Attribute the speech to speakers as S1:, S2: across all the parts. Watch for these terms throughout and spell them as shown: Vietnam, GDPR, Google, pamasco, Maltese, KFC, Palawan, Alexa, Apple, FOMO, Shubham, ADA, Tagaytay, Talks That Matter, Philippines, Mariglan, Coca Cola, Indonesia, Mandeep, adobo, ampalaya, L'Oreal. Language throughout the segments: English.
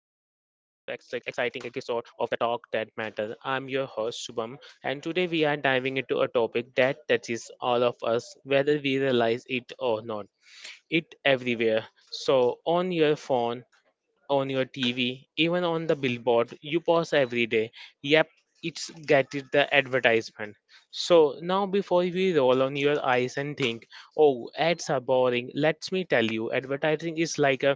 S1: exciting episode of the Talk That Matter. I'm your host Shubham, and today we are diving into a topic that touches all of us, whether we realize it or not. It everywhere. So on your phone, on your TV, even on the billboard, you pause every day. Yep, it's get it the advertisement. So now before we roll on your eyes and think, oh ads are boring, let me tell you, advertising is like a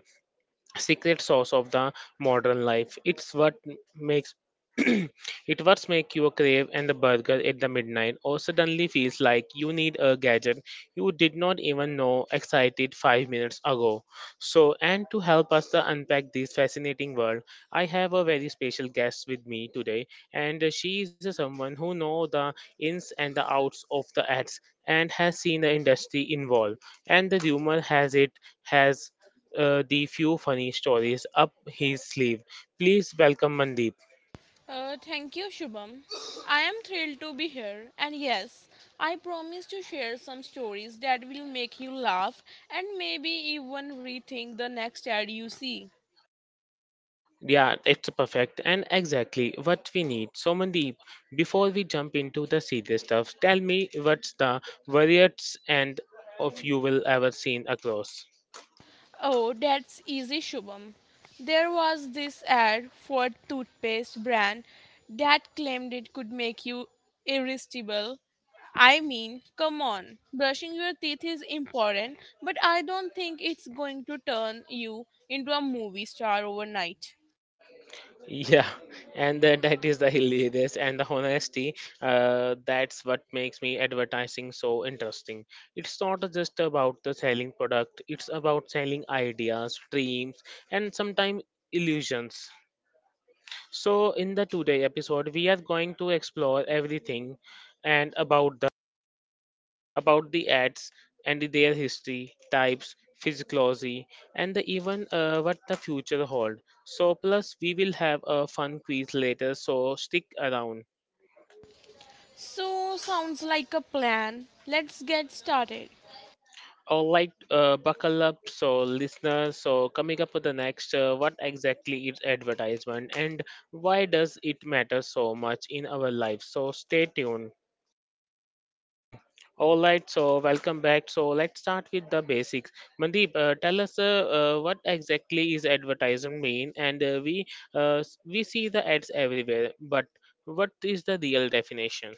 S1: secret sauce of the modern life. It's what makes it what make you crave and the burger at the midnight or suddenly feels like you need a gadget you did not even know excited 5 minutes ago. So and to help us to unpack this fascinating world, I have a very special guest with me today and she is someone who know the ins and the outs of the ads and has seen the industry involved and the rumor has it has the few funny stories up his sleeve. Please welcome Mandeep.
S2: Thank you, Shubham. I am thrilled to be here, and yes, I promise to share some stories that will make you laugh and maybe even rethink the next ad you see.
S1: Yeah, it's perfect and exactly what we need. So, Mandeep, before we jump into the serious stuff, tell me what's the worriest end of you will ever seen across.
S2: Oh, that's easy, Shubham. There was this ad for a toothpaste brand that claimed it could make you irresistible. I mean, come on. Brushing your teeth is important, but I don't think it's going to turn you into a movie star overnight.
S1: Yeah, and that is the hilarious and the honesty. That's what makes me advertising so interesting. It's not just about the selling product, it's about selling ideas, dreams, and sometimes illusions. So in the today episode, we are going to explore everything and about the ads and their history, types, physiology, and the even what the future hold. So plus we will have a fun quiz later. So stick around.
S2: So, sounds like a plan. Let's get started.
S1: All right, buckle up, so listeners. So coming up with the next, what exactly is advertisement and why does it matter so much in our life? So stay tuned. All right, so welcome back. So let's start with the basics. Mandeep, tell us what exactly is advertising mean? And we see the ads everywhere, but what is the real definition?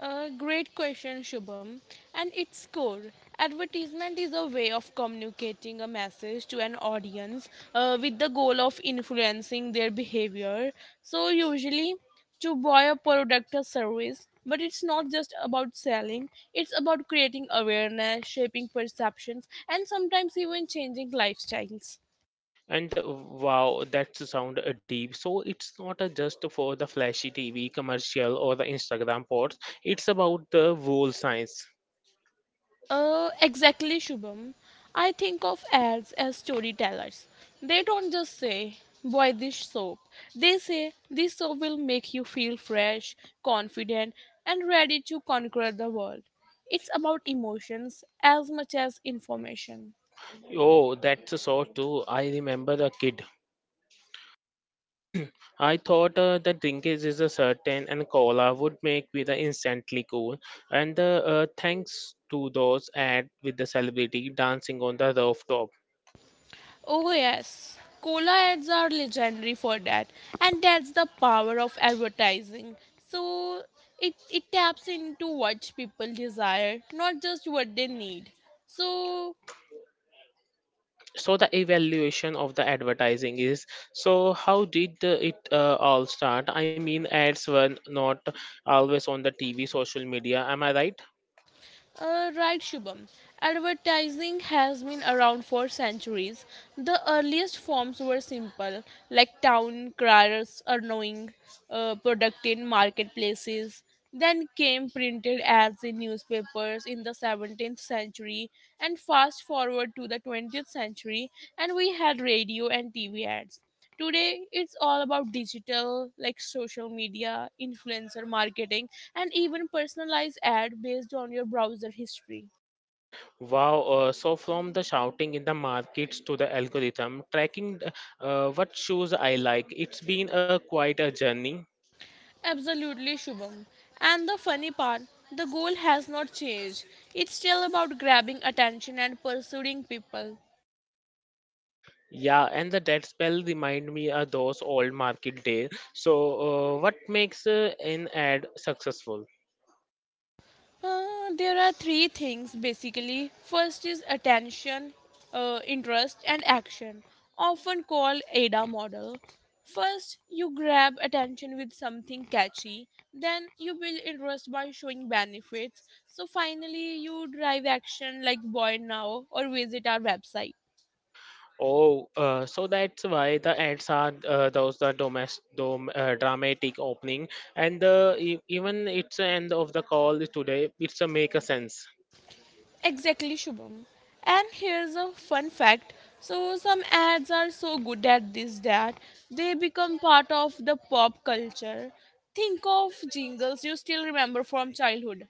S2: Great question, Shubham. And its core, advertisement is a way of communicating a message to an audience with the goal of influencing their behavior. So, usually to buy a product or service, but it's not just about selling, it's about creating awareness, shaping perceptions, and sometimes even changing lifestyles.
S1: And wow, that sound deep. So it's not just for the flashy TV commercial or the Instagram posts. It's about the whole science.
S2: Exactly, Shubham. I think of ads as storytellers. They don't just say, buy this soap. They say, this soap will make you feel fresh, confident, and ready to conquer the world. It's about emotions as much as information.
S1: Oh, that's so true. I remember a kid I thought that drinkage is a certain and cola would make with the instantly cool. And the thanks to those ad with the celebrity dancing on the rooftop.
S2: Oh, yes. Cola ads are legendary for that, and that's the power of advertising. So, it taps into what people desire, not just what they need. So,
S1: So the evaluation of the advertising is so how did it all start? I mean, ads were not always on the TV, social media. Am I right?
S2: Right, Shubham. Advertising has been around for centuries. The earliest forms were simple, like town criers annoying product in marketplaces. Then came printed ads in newspapers in the 17th century, and fast forward to the 20th century, and we had radio and TV ads. Today, it's all about digital, like social media, influencer marketing, and even personalized ad based on your browser history.
S1: Wow. So from the shouting in the markets to the algorithm tracking, what shoes I like. It's been a quite a journey.
S2: Absolutely, Shubham. And the funny part, the goal has not changed. It's still about grabbing attention and pursuing people.
S1: Yeah, and the dead spell remind me of those old market days. So, what makes an ad successful?
S2: Uh, there are three things basically. First is attention, interest, and action, often called ADA model. First, you grab attention with something catchy, then you build interest by showing benefits. So finally, you drive action like buy now or visit our website.
S1: Oh, so that's why the ads are those the domestic dramatic opening, and the even it's end of the call today. It's a make a sense.
S2: Exactly, Shubham. And here's a fun fact. So, some ads are so good at this that they become part of the pop culture. Think of jingles you still remember from childhood.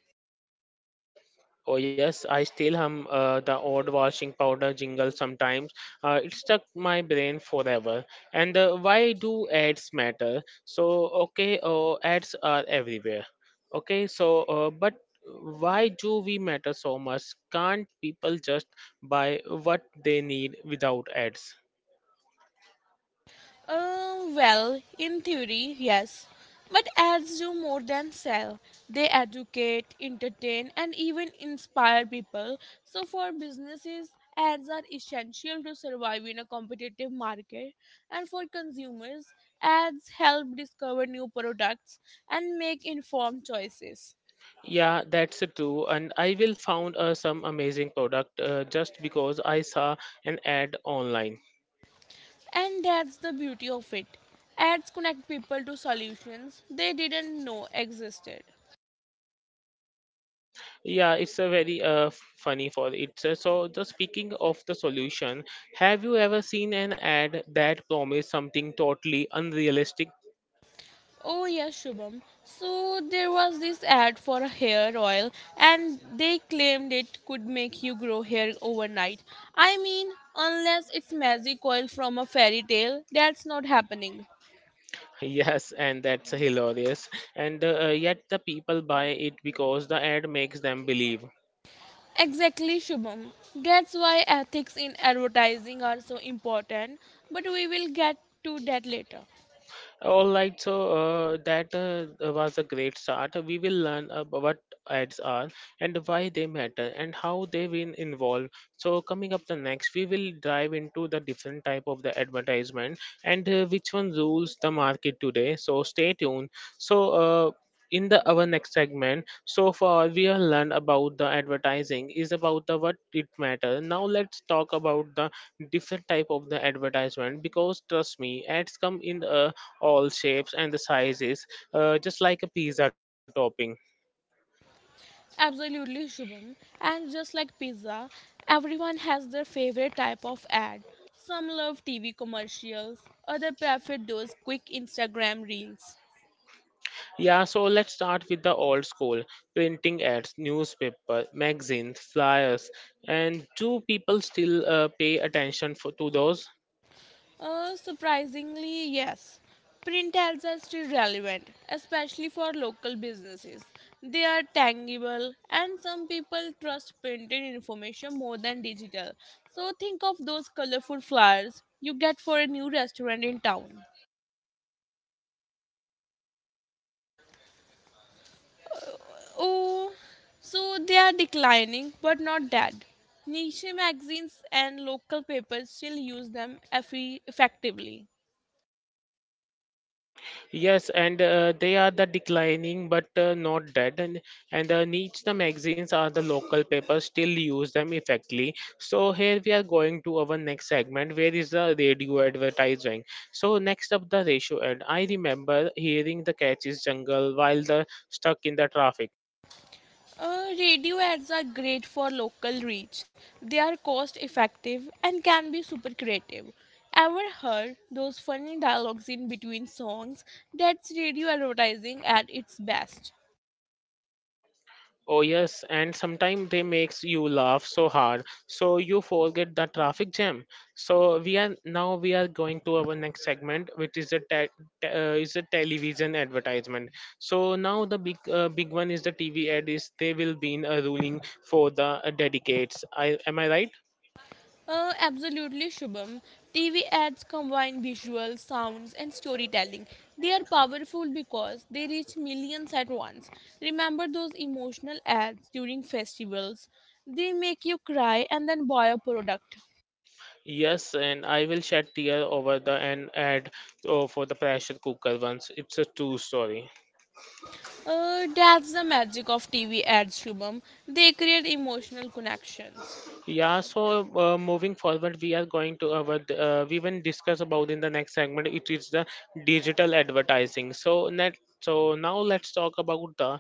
S1: Oh yes, I still hum the old washing powder jingle sometimes. It stuck my brain forever. And why do ads matter? So okay, ads are everywhere. Okay, so but why do we matter so much? Can't people just buy what they need without ads?
S2: Well, in theory, yes. But ads do more than sell. They educate, entertain, and even inspire people. So, for businesses, ads are essential to survive in a competitive market. And for consumers, ads help discover new products and make informed choices.
S1: Yeah, that's true. And I will found some amazing product just because I saw an ad online.
S2: And that's the beauty of it. Ads connect people to solutions they didn't know existed.
S1: Yeah, it's a very funny for it. So, the speaking of the solution, have you ever seen an ad that promised something totally unrealistic?
S2: Oh yeah, Shubham. So there was this ad for a hair oil and they claimed it could make you grow hair overnight. I mean, unless it's magic oil from a fairy tale, that's not happening.
S1: Yes, and that's hilarious. And yet the people buy it because the ad makes them believe.
S2: Exactly, Shubham. That's why ethics in advertising are so important, but we will get to that later.
S1: All right, so that was a great start. We will learn what ads are and why they matter and how they been involved. So coming up the next, we will dive into the different type of the advertisement and which one rules the market today. So stay tuned. So in the our next segment, so far we have learned about the advertising is about the what it matter. Now let's talk about the different type of the advertisement because trust me, ads come in a all shapes and the sizes, just like a pizza topping.
S2: Absolutely, Shubham. And just like pizza, everyone has their favorite type of ad. Some love TV commercials, others prefer those quick Instagram reels.
S1: Yeah, so let's start with the old school printing ads, newspaper, magazines, flyers, and do people still pay attention to those?
S2: Surprisingly, yes. Print ads are still relevant, especially for local businesses. They are tangible, and some people trust printed information more than digital. So think of those colorful flyers you get for a new restaurant in town. Oh, so they are declining but not dead. Niche magazines and local papers still use them effectively.
S1: Yes, and they are the declining but not dead. And the niche, the magazines are the local papers still use them effectively. So here we are going to our next segment, where is the radio advertising? So next up the ratio ad. I remember hearing the catch is jungle while the stuck in the traffic.
S2: Radio ads are great for local reach. They are cost effective and can be super creative. Ever heard those funny dialogues in between songs? That's radio advertising at its best.
S1: Oh yes, and sometimes they makes you laugh so hard, so you forget the traffic jam. So we are now we are going to our next segment, which is a is a television advertisement. So now the big one is the TV ad is they will be in a ruling for the dedicates. I am I right?
S2: Absolutely, Shubham. TV ads combine visuals, sounds, and storytelling. They are powerful because they reach millions at once. Remember those emotional ads during festivals? They make you cry and then buy a product.
S1: Yes, and I will shed tear over the an ad oh, for the pressure cooker once. It's a true story.
S2: That's the magic of TV ads, Shubham. They create emotional connections.
S1: Yeah, so moving forward, we are going to our we will discuss about in the next segment. It is the digital advertising. So net. So now let's talk about the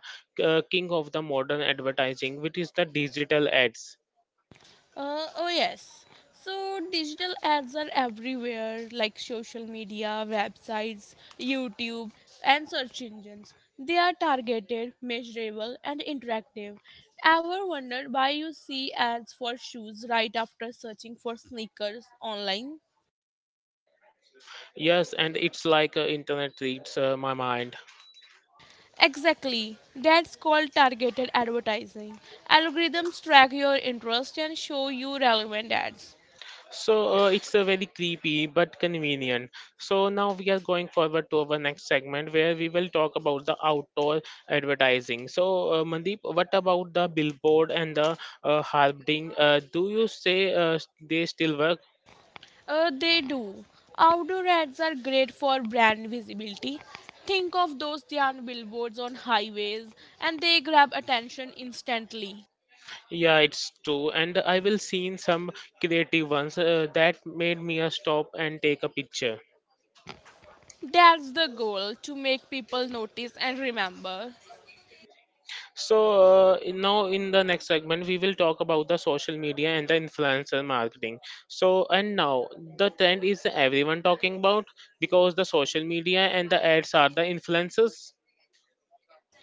S1: king of the modern advertising, which is the digital ads.
S2: Oh, yes. So, digital ads are everywhere like social media, websites, YouTube, and search engines. They are targeted, measurable, and interactive. Ever wondered why you see ads for shoes right after searching for sneakers online?
S1: Yes, and it's like internet reads my mind.
S2: Exactly. That's called targeted advertising. Algorithms track your interest and show you relevant ads.
S1: So it's a very creepy but convenient. So now we are going forward to our next segment where we will talk about the outdoor advertising. So Mandeep, what about the billboard and the harping? Do you say they still work?
S2: They do. Outdoor ads are great for brand visibility. Think of those neon billboards on highways, and they grab attention instantly.
S1: Yeah, it's true. And I will seen some creative ones that made me a stop and take a picture.
S2: That's the goal to make people notice and remember.
S1: So now in the next segment we will talk about the social media and the influencer marketing. So and now the trend is everyone talking about because the social media and the ads are the influencers.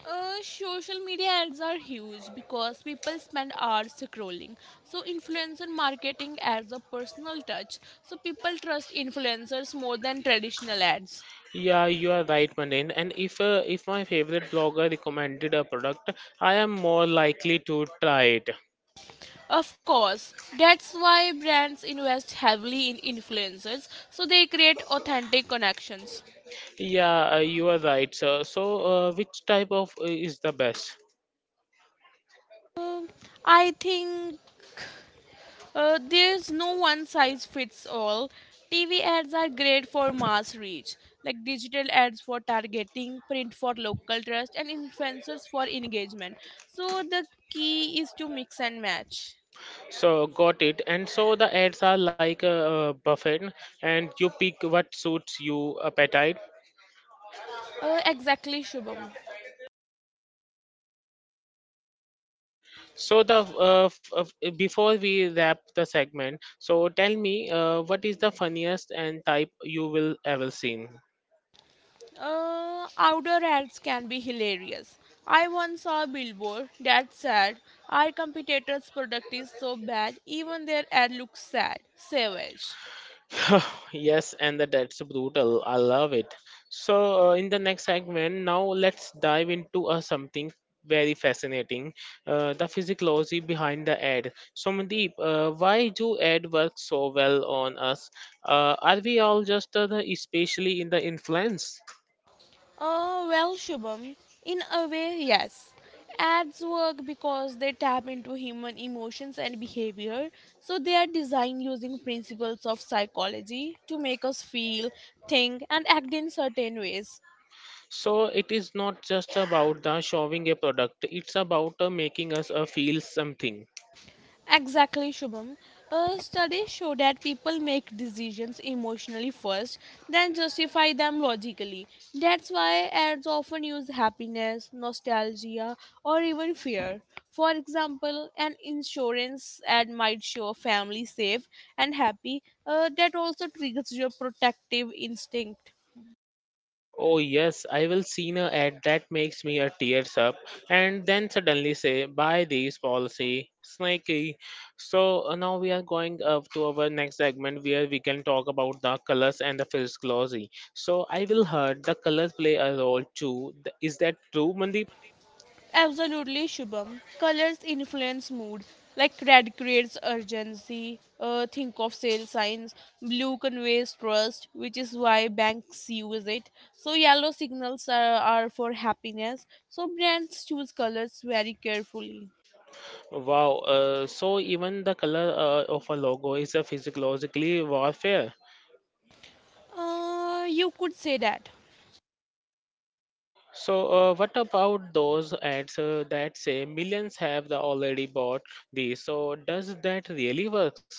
S2: Social media ads are huge because people spend hours scrolling. So, influencer marketing adds a personal touch. So, people trust influencers more than traditional ads.
S1: Yeah, you are right, Manin. And if my favorite blogger recommended a product, I am more likely to try it.
S2: Of course, that's why brands invest heavily in influencers so they create authentic connections.
S1: Yeah, you are right, sir. So which type of is the best?
S2: Uh, I think there's no one size fits all. TV ads are great for mass reach, like digital ads for targeting, print for local trust, and influencers for engagement. So the key is to mix and match.
S1: So got it. And so the ads are like a, buffet, and you pick what suits you appetite.
S2: Exactly, Shubham.
S1: So the before we wrap the segment, so tell me, what is the funniest and type you will ever seen?
S2: Outdoor ads can be hilarious. I once saw a billboard that said, our competitor's product is so bad, even their ad looks sad, savage.
S1: yes, and that's brutal. I love it. So, in the next segment, now let's dive into something very fascinating the physiology behind the ad. So, Mandeep, why do ad work so well on us? Are we all just especially in the influence?
S2: Well, Shubham, in a way, yes. Ads work because they tap into human emotions and behavior, so they are designed using principles of psychology to make us feel, think, and act in certain ways.
S1: So, it is not just about the showing a product, it's about making us feel something.
S2: Exactly, Shubham. Studies show that people make decisions emotionally first, then justify them logically. That's why ads often use happiness, nostalgia, or even fear. For example, an insurance ad might show a family safe and happy. That also triggers your protective instinct.
S1: Oh yes, I will seen a ad that makes me a tears up and then suddenly say buy these policy snaky. So now we are going up to our next segment where we can talk about the colors and the first glossy. So I will heard the colors play a role too. Is that true, Mandeep?
S2: Absolutely, Shubham. Colors influence mood. Like red creates urgency. Think of sale signs. Blue conveys trust, which is why banks use it. So yellow signals are for happiness. So brands choose colors very carefully.
S1: Wow. So even the color of a logo is a physiologically warfare.
S2: You could say that.
S1: So, what about those ads that say millions have the already bought these? So, does that really works?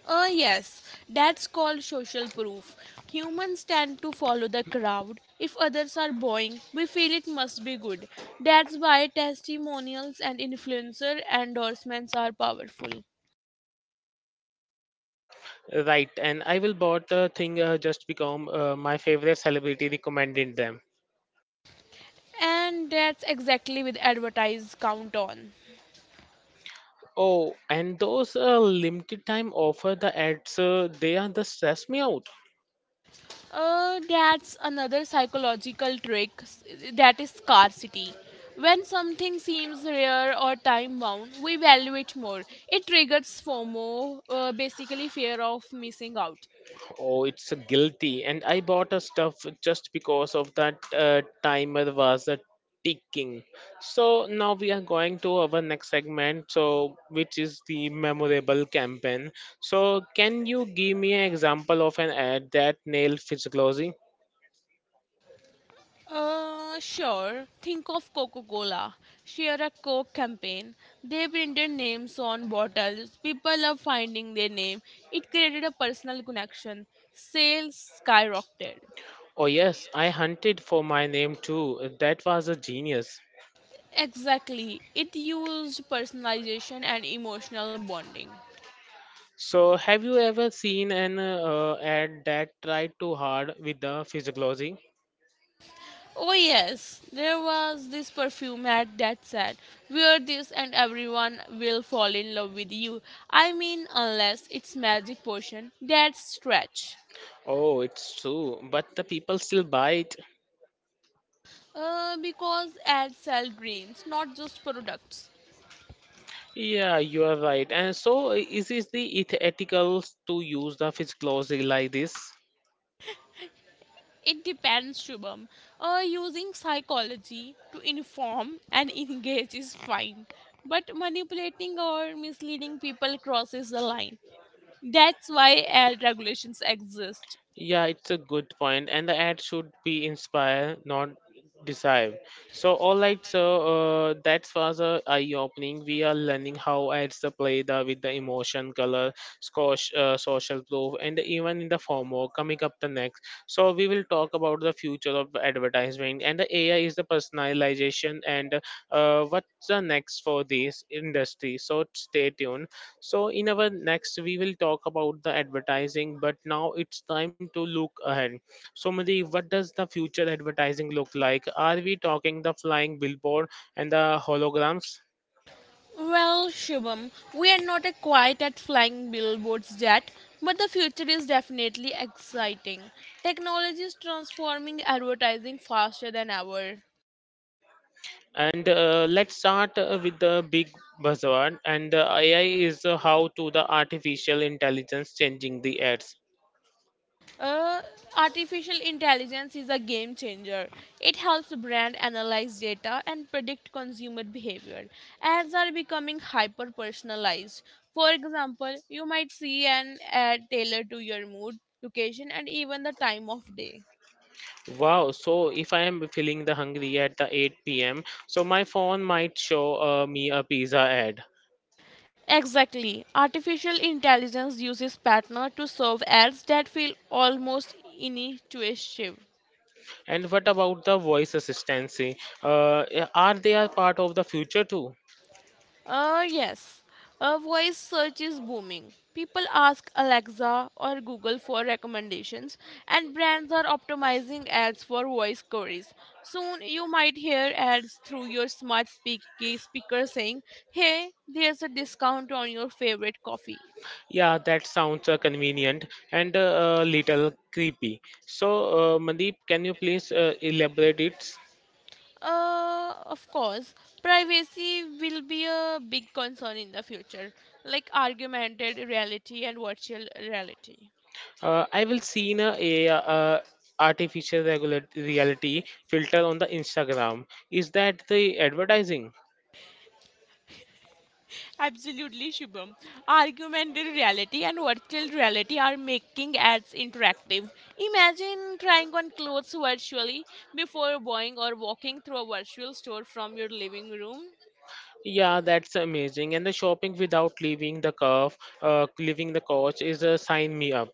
S2: Yes, that's called social proof. Humans tend to follow the crowd. If others are bowing, we feel it must be good. That's why testimonials and influencer endorsements are powerful.
S1: Right, and I will bought the thing just become my favorite celebrity recommended them.
S2: And that's exactly with advertise count on.
S1: Oh, and those limited time offer the ads, they are the stress me out.
S2: That's another psychological trick, that is scarcity. When something seems rare or time bound, we value it more. It triggers FOMO, basically fear of missing out.
S1: Oh, it's a guilty. And I bought a stuff just because of that timer was a ticking. So now we are going to our next segment, so which is the memorable campaign. So can you give me an example of an ad that nailed physiology?
S2: Sure. Think of Coca Cola. Share a Coke campaign. They printed names on bottles. People love finding their name. It created a personal connection. Sales skyrocketed.
S1: Oh yes, I hunted for my name too. That was a genius.
S2: Exactly. It used personalization and emotional bonding.
S1: So have you ever seen an ad that tried too hard with the physiology?
S2: Oh, yes. There was this perfume ad that said, wear this and everyone will fall in love with you. I mean, unless it's magic potion. That's stretch.
S1: Oh, it's true, but the people still buy it.
S2: Because ads sell dreams, not just products.
S1: Yeah, you are right. And so, is it the ethical to use the physical glossy like this?
S2: It depends, Shubham. Using psychology to inform and engage is fine, but manipulating or misleading people crosses the line. That's why ad regulations exist.
S1: Yeah, it's a good point, and the ad should be inspire, not deceive. So, all right, so that was a eye opening. We are learning how ads the play the with the emotion, color, social proof, and even in the formal coming up the next. So, we will talk about the future of advertisement and the AI is the personalization and what's the next for this industry. So, stay tuned. So, in our next, we will talk about the advertising, but now it's time to look ahead. So, Madhi, what does the future advertising look like? Are we talking the flying billboard and the holograms?
S2: Well, Shubham, we are not quite at flying billboards yet, but the future is definitely exciting. Technology is transforming advertising faster than ever.
S1: And let's start with the big buzzword. And AI is how to the artificial intelligence changing the ads.
S2: Uh, Artificial intelligence is a game changer. It helps brand analyze data and predict consumer behavior. Ads are becoming hyper personalized. For example, you might see an ad tailored to your mood, location, and even the time of day.
S1: Wow, so if I am feeling the hungry at the 8 p.m., so my phone might show me a pizza ad.
S2: Exactly. Artificial intelligence uses partner to serve ads that feel almost intuitive.
S1: And what about the voice assistancy? Yeah, are they a part of the future too?
S2: Yes. Voice search is booming. People ask Alexa or Google for recommendations, and brands are optimizing ads for voice queries. Soon, you might hear ads through your speaker saying, hey, there's a discount on your favorite coffee.
S1: Yeah, that sounds convenient and a little creepy. So, Mandeep, can you please elaborate it?
S2: Of course, privacy will be a big concern in the future, like augmented reality and virtual reality.
S1: I will see in a artificial regular reality filter on the Instagram. Is that the advertising?
S2: Absolutely, Shubham. Augmented reality and virtual reality are making ads interactive. Imagine trying on clothes virtually before buying or walking through a virtual store from your living room.
S1: Yeah, that's amazing. And the shopping without leaving the curve, leaving the couch is a sign me up.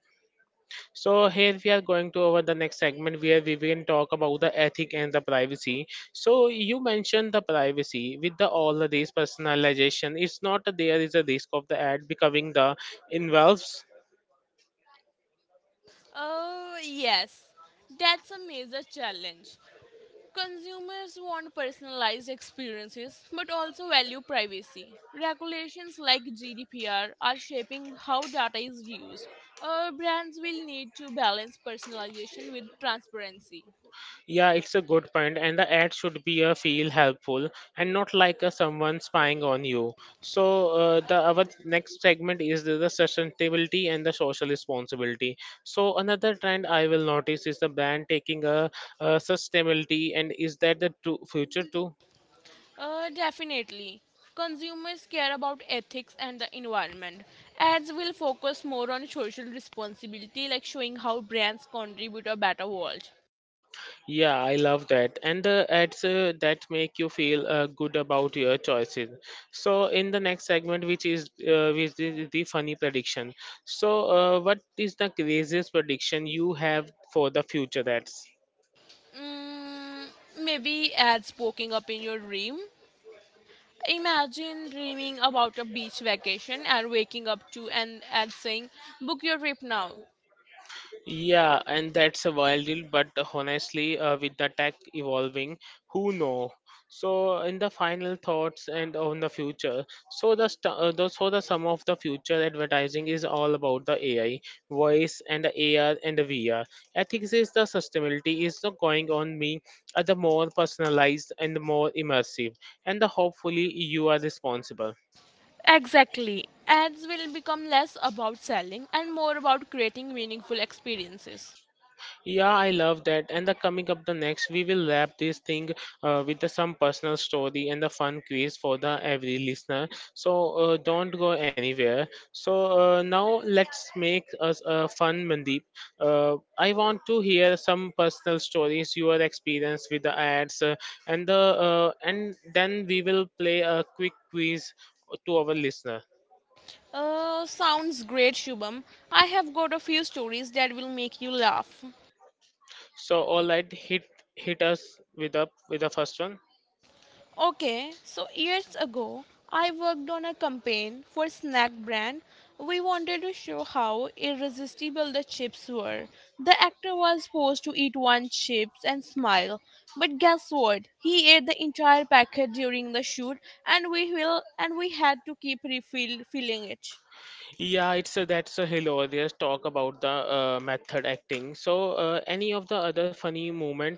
S1: So here we are going to over the next segment where we will talk about the ethic and the privacy. So you mentioned the privacy with the all the these personalization. It's not that there is a risk of the ad becoming the involves.
S2: Oh, yes, that's a major challenge. Consumers want personalized experiences but also value privacy. Regulations like GDPR are shaping how data is used. Brands will need to balance personalization with transparency.
S1: Yeah, it's a good point, and the ad should be a feel helpful and not like a someone spying on you. So the our next segment is the sustainability and the social responsibility. So another trend I will notice is the brand taking a, sustainability and is that the to future too?
S2: Definitely. Consumers care about ethics and the environment. Ads will focus more on social responsibility, like showing how brands contribute a better world.
S1: Yeah, I love that. And the ads that make you feel good about your choices. So in the next segment, which is the funny prediction. So what is the craziest prediction you have for the future ads?
S2: Mm, maybe ads poking up in your dream. Imagine dreaming about a beach vacation and waking up to an ad saying, book your trip now.
S1: Yeah, and that's a wild deal, but honestly, with the tech evolving, who know? So, in the final thoughts and on the future, so the so the sum of the future advertising is all about the AI, voice, and the AR and the VR. Ethics is the sustainability is not going on being the more personalized and the more immersive, and the hopefully you are responsible.
S2: Exactly. Ads will become less about selling and more about creating meaningful experiences.
S1: Yeah, I love that. And the coming up the next, we will wrap this thing with the, some personal story and the fun quiz for the every listener. So don't go anywhere. So now let's make us fun, Mandeep. I want to hear some personal stories, your experience with the ads, and the and then we will play a quick quiz to our listener.
S2: Sounds great, Shubham. I have got a few stories that will make you laugh.
S1: So all right, hit us with up with the first one.
S2: Okay, so years ago, I worked on a campaign for a snack brand. We wanted to show how irresistible the chips were. The actor was supposed to eat one chips and smile, but guess what? He ate the entire packet during the shoot, and we will and we had to keep refilling it.
S1: Yeah, it's a, that's a hilarious talk about the method acting. So, any of the other funny moment?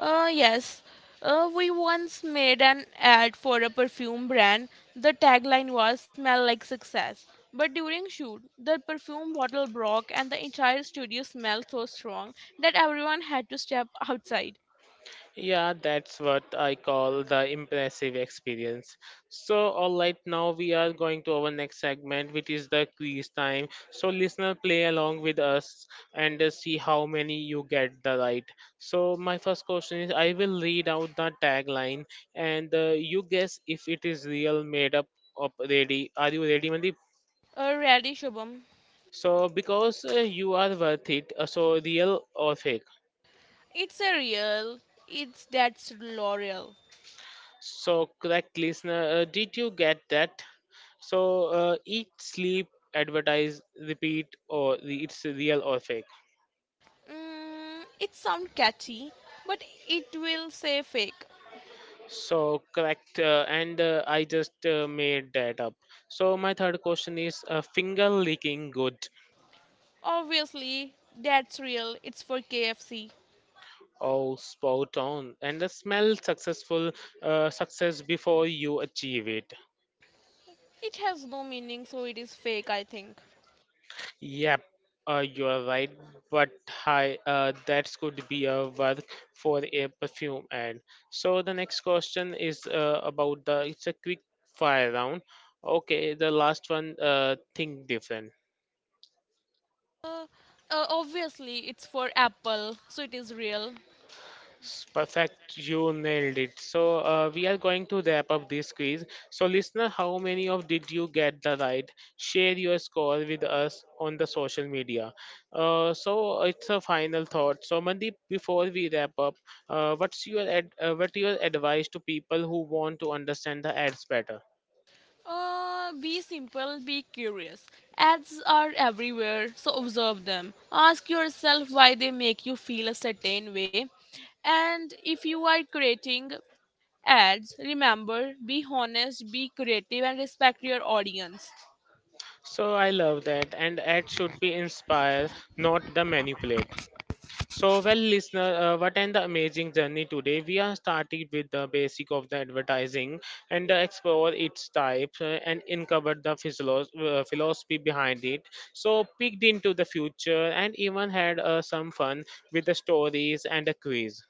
S2: Yes. We once made an ad for a perfume brand. The tagline was "Smell like success." But during shoot, the perfume bottle broke, and the entire studio smelled so strong that everyone had to step outside.
S1: Yeah, that's what I call the impressive experience. So, all right, now we are going to our next segment, which is the quiz time. So, listener, play along with us and see how many you get the right. So, my first question is: I will read out the tagline, and you guess if it is real, made up, or ready. Are you ready, Mandeep?
S2: Really, Shubham.
S1: So, because you are worth it, so real or fake.
S2: It's a real. It's that's L'Oreal.
S1: So, correct listener, did you get that? So, eat, sleep, advertise, repeat, or re- it's real or fake.
S2: Mm, it sounds catchy, but it will say fake.
S1: So, correct, and I just made that up. So, my third question is finger licking good.
S2: Obviously, that's real. It's for KFC.
S1: Oh, spot on. And the smell successful, success before you achieve it.
S2: It has no meaning, so it is fake. I think.
S1: Yep, you are right. But hi, that could be a work for a perfume ad. So the next question is about the. It's a quick fire round. Okay, the last one. Think different.
S2: Uh, Obviously, it's for Apple, so it is real.
S1: S- Perfect, you nailed it. So we are going to wrap up this quiz. So listener, how many of did you get the right? Share your score with us on the social media. So it's a final thought. So Mandeep, before we wrap up, what your advice to people who want to understand the ads better?
S2: Be simple, be curious. Ads are everywhere, so observe them. Ask yourself why they make you feel a certain way. And if you are creating ads, remember be honest, be creative, and respect your audience.
S1: So I love that, and ads should be inspire, not the manipulate. So, well, listener, what an amazing journey today. We are starting with the basic of the advertising and explore its types and uncover the philosophy behind it. So, peeked into the future and even had some fun with the stories and a quiz.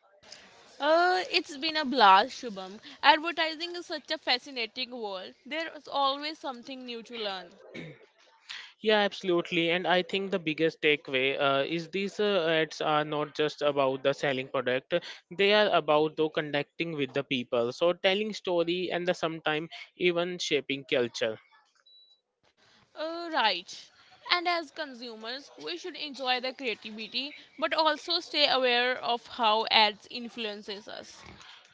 S2: It's been a blast, Shubham. Advertising is such a fascinating world. There is always something new to learn.
S1: Yeah, absolutely. And I think the biggest takeaway is these ads are not just about the selling product; they are about the connecting with the people. So telling story and the sometimes even shaping culture.
S2: Right. And as consumers, we should enjoy the creativity but also stay aware of how ads influences us.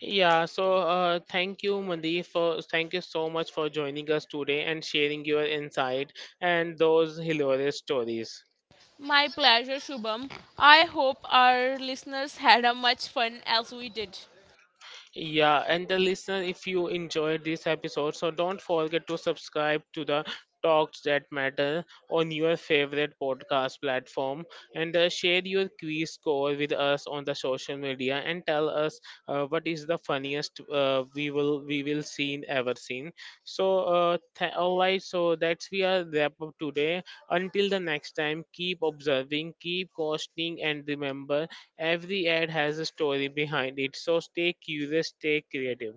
S1: Yeah, so thank you, Mandeep, for thank you so much for joining us today and sharing your insight and those hilarious stories.
S2: My pleasure, Shubham. I hope our listeners had as much fun as we did.
S1: Yeah, and the listener, if you enjoyed this episode, so don't forget to subscribe to the Talks That Matter on your favorite podcast platform and share your quiz score with us on the social media and tell us what is the funniest we will seen ever seen. So, all right, so that's we are wrap up today. Until the next time, keep observing, keep questioning, and remember every ad has a story behind it, so stay curious, stay creative.